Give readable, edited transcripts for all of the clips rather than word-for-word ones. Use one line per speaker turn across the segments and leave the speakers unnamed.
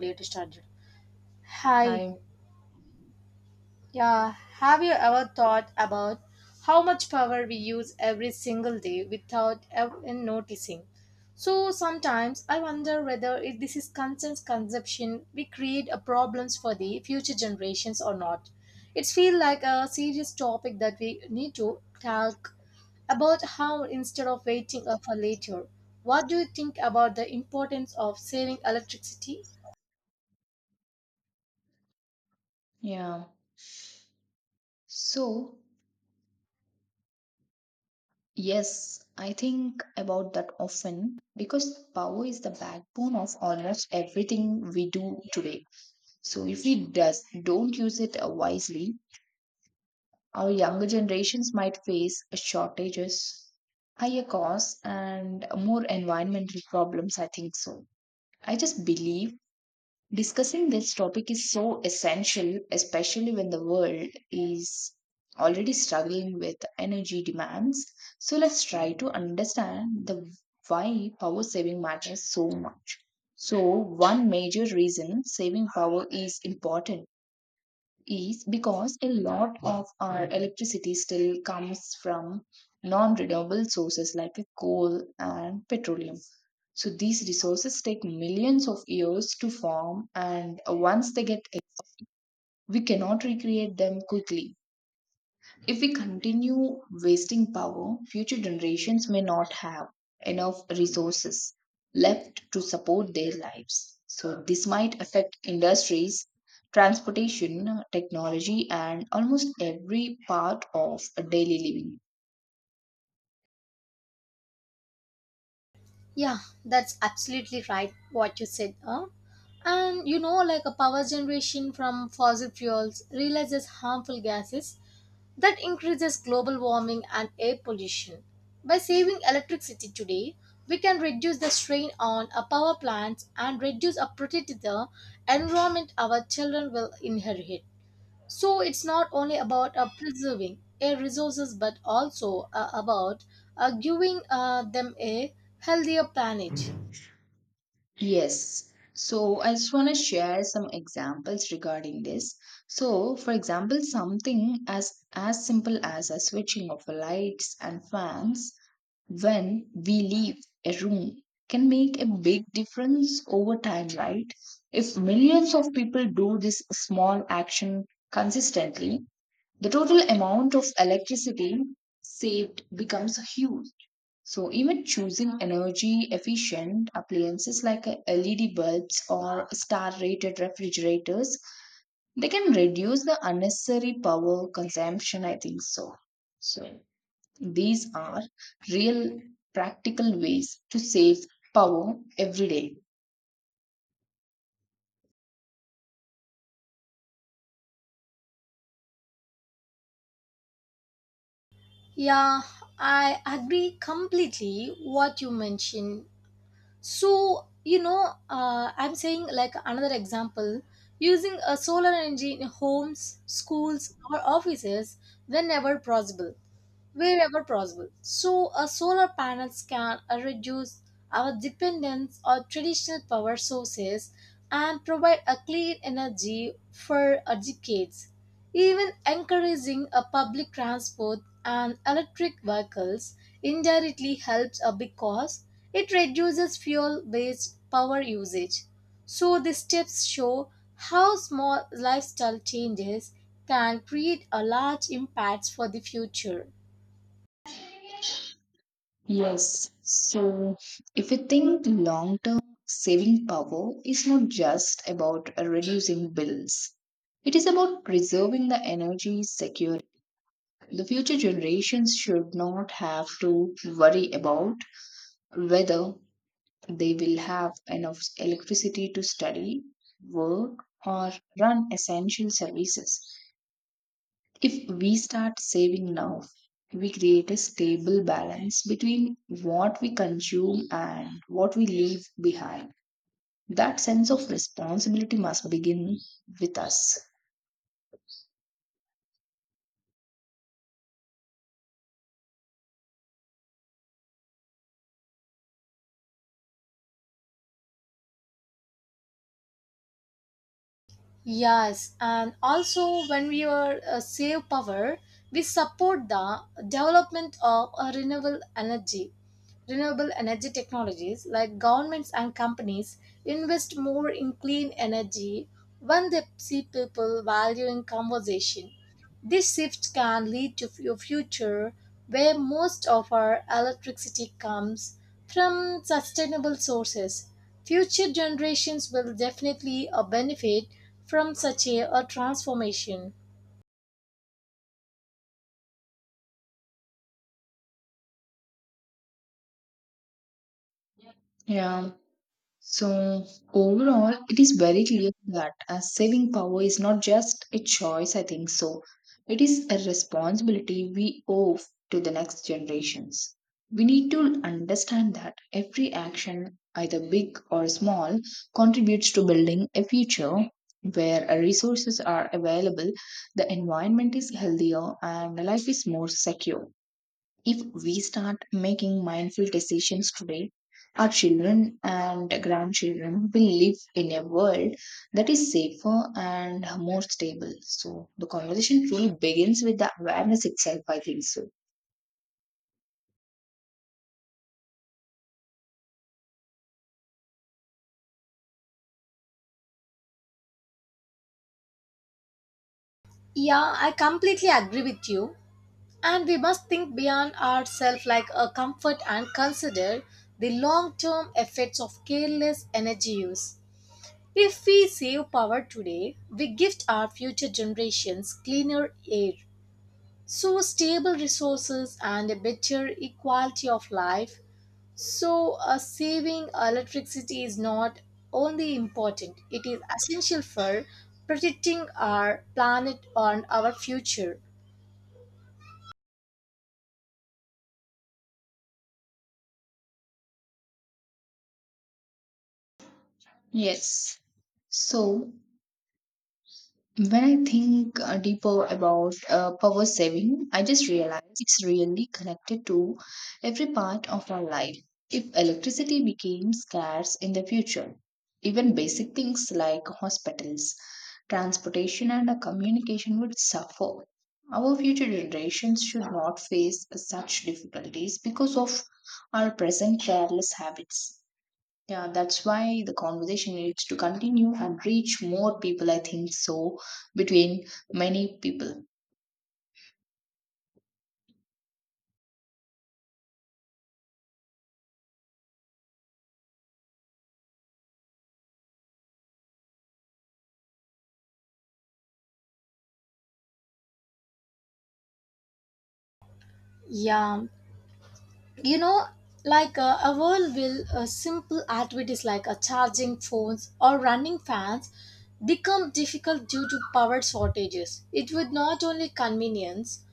Later started. Hi,
Hi.
yeah, have you ever thought about how much power we use every single day without even noticing? So sometimes I wonder whether if this is conscious consumption we create a problems for the future generations or not. It feels like a serious topic that we need to talk about how instead of waiting for later. What do you think about the importance of saving electricity?
Yeah. So, yes, I think about that often because power is the backbone of almost everything we do today. So, if we don't use it wisely, our younger generations might face shortages, higher costs, and more environmental problems, I think so. I just believe discussing this topic is so essential, especially when the world is already struggling with energy demands. So let's try to understand the why power saving matters so much. So one major reason saving power is important is because a lot of our electricity still comes from non-renewable sources like coal and petroleum. So these resources take millions of years to form, and once they we cannot recreate them quickly. If we continue wasting power, future generations may not have enough resources left to support their lives. So this might affect industries, transportation, technology, and almost every part of daily living.
Yeah, that's absolutely right what you said. Huh? Like a power generation from fossil fuels releases harmful gases that increases global warming and air pollution. By saving electricity today, we can reduce the strain on our power plants and reduce or protect the environment our children will inherit. So it's not only about preserving air resources but also about giving them a healthier planet.
Yes. So I just want to share some examples regarding this. So, for example, something as simple as a switching of lights and fans when we leave a room can make a big difference over time, right? If millions of people do this small action consistently, the total amount of electricity saved becomes huge. So even choosing energy efficient appliances like LED bulbs or star rated refrigerators, they can reduce the unnecessary power consumption, I think so. So these are real practical ways to save power every day.
Yeah, I agree completely what you mentioned. So, I'm saying like another example, using a solar energy in homes, schools, or offices whenever possible, wherever possible. So, solar panels can reduce our dependence on traditional power sources and provide a clean energy for decades. Even encouraging a public transport and electric vehicles indirectly helps because it reduces fuel based power usage. So the steps show how small lifestyle changes can create a large impact for the future.
Yes. So if you think long term, saving power is not just about reducing bills. It is about preserving the energy security. The future generations should not have to worry about whether they will have enough electricity to study, work, or run essential services. If we start saving now, we create a stable balance between what we consume and what we leave behind. That sense of responsibility must begin with us.
Yes, and also when we are save power, we support the development of renewable energy technologies. Like governments and companies invest more in clean energy when they see people valuing conversation. This shift can lead to a future where most of our electricity comes from sustainable sources. Future generations will definitely benefit from such a transformation.
Yeah. So overall, it is very clear that saving power is not just a choice, I think so. It is a responsibility we owe to the next generations. We need to understand that every action, either big or small, contributes to building a future where resources are available, the environment is healthier, and life is more secure. If we start making mindful decisions today, our children and grandchildren will live in a world that is safer and more stable. So the conversation truly begins with the awareness itself, I think so.
Yeah, I completely agree with you. And we must think beyond ourselves like a comfort and consider the long term effects of careless energy use. If we save power today, we gift our future generations cleaner air, so stable resources and a better equality of life. So saving electricity is not only important, it is essential for protecting our planet and our future.
Yes. So when I think deeper about power saving, I just realize it's really connected to every part of our life. If electricity became scarce in the future, even basic things like hospitals, transportation, and communication would suffer. Our future generations should not face such difficulties because of our present careless habits. Yeah, that's why the conversation needs to continue and reach more people, I think so, between many people.
yeah you know a world will, simple activities like charging phones or running fans become difficult due to power shortages. It would not only convenience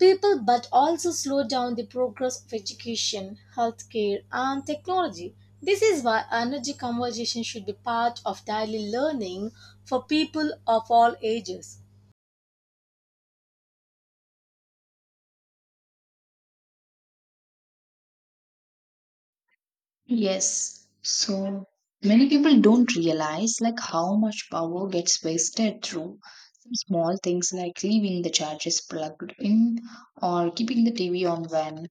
people but also slow down the progress of education, healthcare, and technology. This is why energy conservation should be part of daily learning for people of all ages.
Yes. So many people don't realize like how much power gets wasted through some small things like leaving the charges plugged in or keeping the TV on when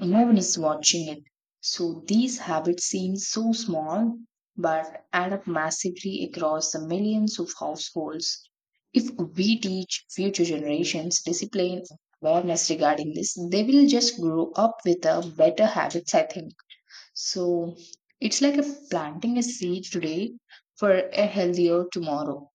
and no one is watching it. So these habits seem so small but add up massively across the millions of households. If we teach future generations discipline and awareness regarding this, they will just grow up with a better habits, I think. So it's like a planting a seed today for a healthier tomorrow.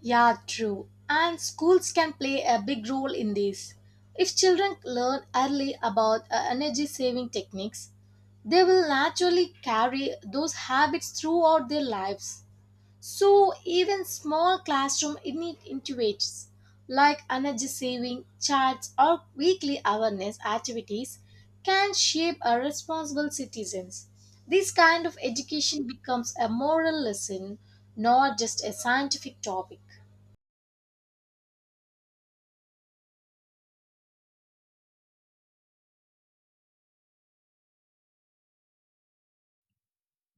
Yeah, true. And schools can play a big role in this. If children learn early about energy saving techniques, they will naturally carry those habits throughout their lives. So even small classroom initiatives like energy saving charts or weekly awareness activities can shape a responsible citizens. This kind of education becomes a moral lesson, not just a scientific topic.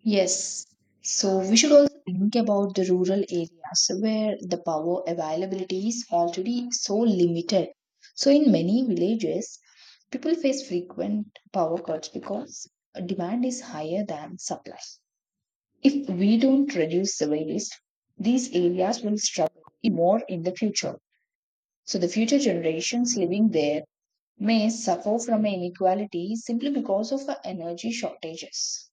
Yes. So we should also think about the rural areas where the power availability is already so limited. So in many villages, people face frequent power cuts because demand is higher than supply. If we don't reduce the waste, these areas will struggle more in the future. So the future generations living there may suffer from inequality simply because of energy shortages.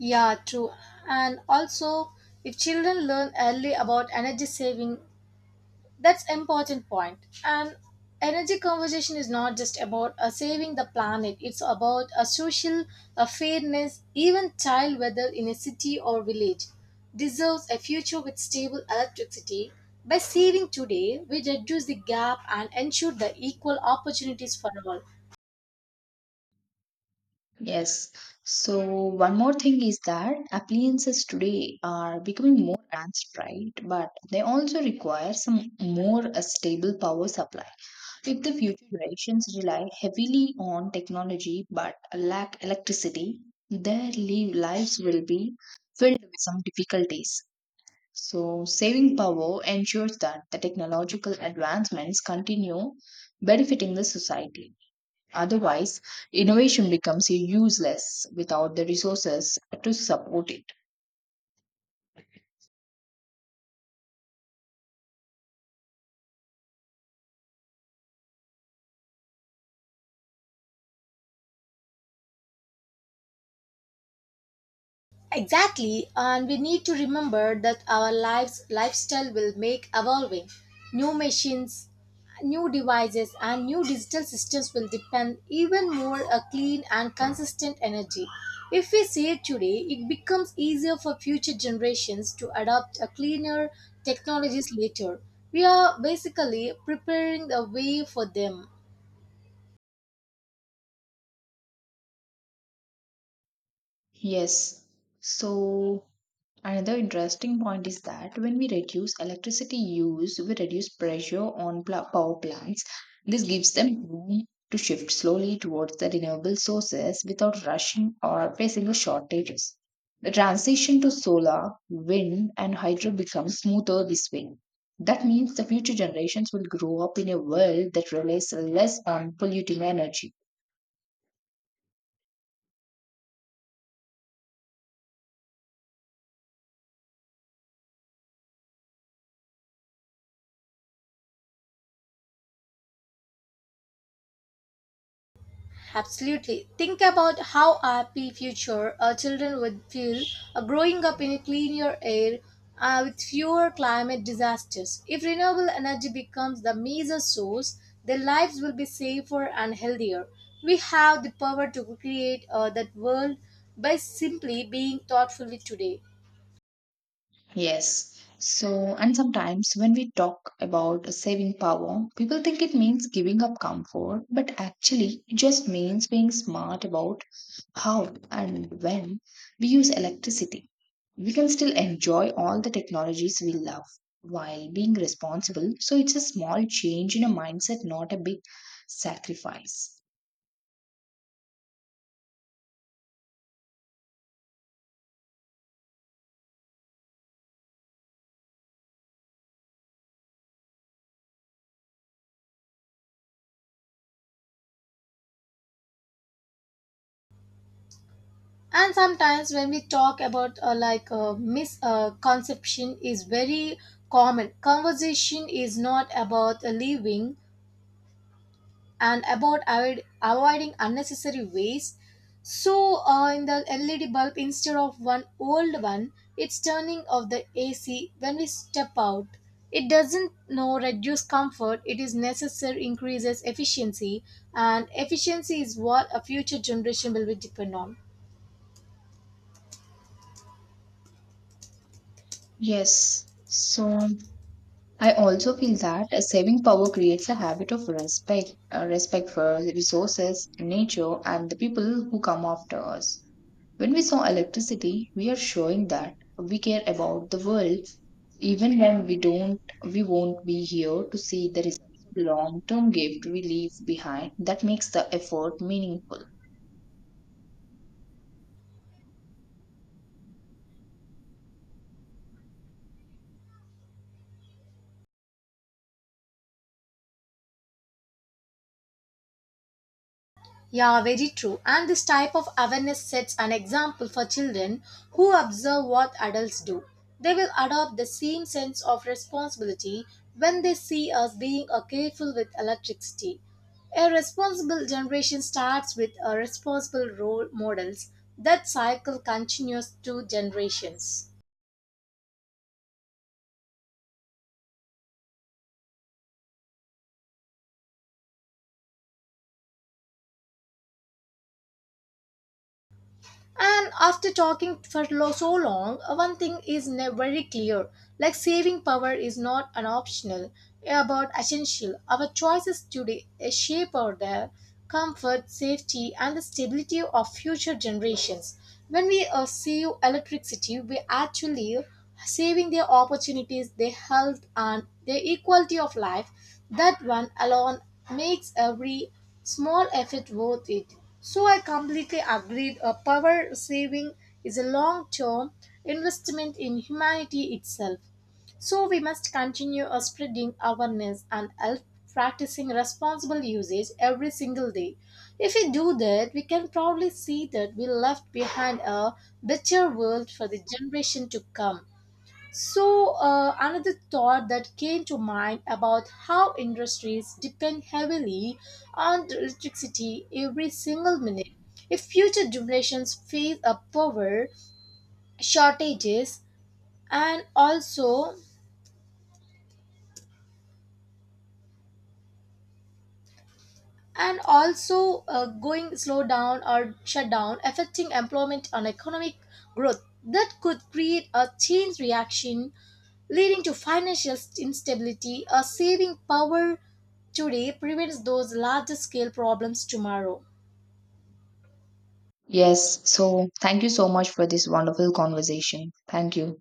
Yeah, true. And also, if children learn early about energy saving, that's important point. And energy conversation is not just about saving the planet. It's about a social fairness. Even child, whether in a city or village, deserves a future with stable electricity. By saving today, we reduce the gap and ensure the equal opportunities for all.
Yes. So one more thing is that appliances today are becoming more advanced, right? But they also require some more a stable power supply. If the future generations rely heavily on technology but lack electricity, their lives will be filled with some difficulties. So saving power ensures that the technological advancements continue benefiting the society. Otherwise, innovation becomes useless without the resources to support it.
Exactly, and we need to remember that our lives lifestyle will make evolving. New machines, new devices, and new digital systems will depend even more a clean and consistent energy. If we save today, it becomes easier for future generations to adopt a cleaner technologies later. We are basically preparing the way for them.
Yes. So, another interesting point is that when we reduce electricity use, we reduce pressure on power plants. This gives them room to shift slowly towards the renewable sources without rushing or facing the shortages. The transition to solar, wind, and hydro becomes smoother this way. That means the future generations will grow up in a world that relies less on polluting energy.
Absolutely. Think about how happy future our children would feel growing up in a cleaner air with fewer climate disasters. If renewable energy becomes the major source, their lives will be safer and healthier. We have the power to create that world by simply being thoughtfully today.
Yes. So, and sometimes when we talk about saving power, people think it means giving up comfort, but actually, it just means being smart about how and when we use electricity. We can still enjoy all the technologies we love while being responsible. So, it's a small change in a mindset, not a big sacrifice.
And sometimes when we talk about misconception is very common. Conversation is not about leaving and about avoiding unnecessary waste. So, in the LED bulb, instead of one old one, it's turning off the AC when we step out. It doesn't no reduce comfort, it is necessary increases efficiency, and efficiency is what a future generation will be depend on.
Yes. So, I also feel that saving power creates a habit of respect, respect for the resources, nature, and the people who come after us. When we saw electricity, we are showing that we care about the world, even when we don't, we won't be here to see the results. Long-term gift we leave behind that makes the effort meaningful.
Yeah, very true. And this type of awareness sets an example for children who observe what adults do. They will adopt the same sense of responsibility when they see us being careful with electricity. A responsible generation starts with a responsible role models. That cycle continues to generations. And after talking for so long, one thing is very clear, like saving power is not an optional, about essential. Our choices today shape our the comfort, safety, and the stability of future generations. When we save electricity, we actually saving their opportunities, their health, and their equality of life. That one alone makes every small effort worth it. So I completely agreed. A power saving is a long term investment in humanity itself. So we must continue spreading awareness and help practicing responsible usage every single day. If we do that, we can probably see that we left behind a better world for the generation to come. So, another thought that came to mind about how industries depend heavily on electricity every single minute. If future generations face a power shortages, and also and also going slow down or shut down affecting employment and economic growth, that could create a chain reaction leading to financial instability. A saving power today prevents those large scale problems tomorrow.
Yes, so thank you so much for this wonderful conversation. Thank you.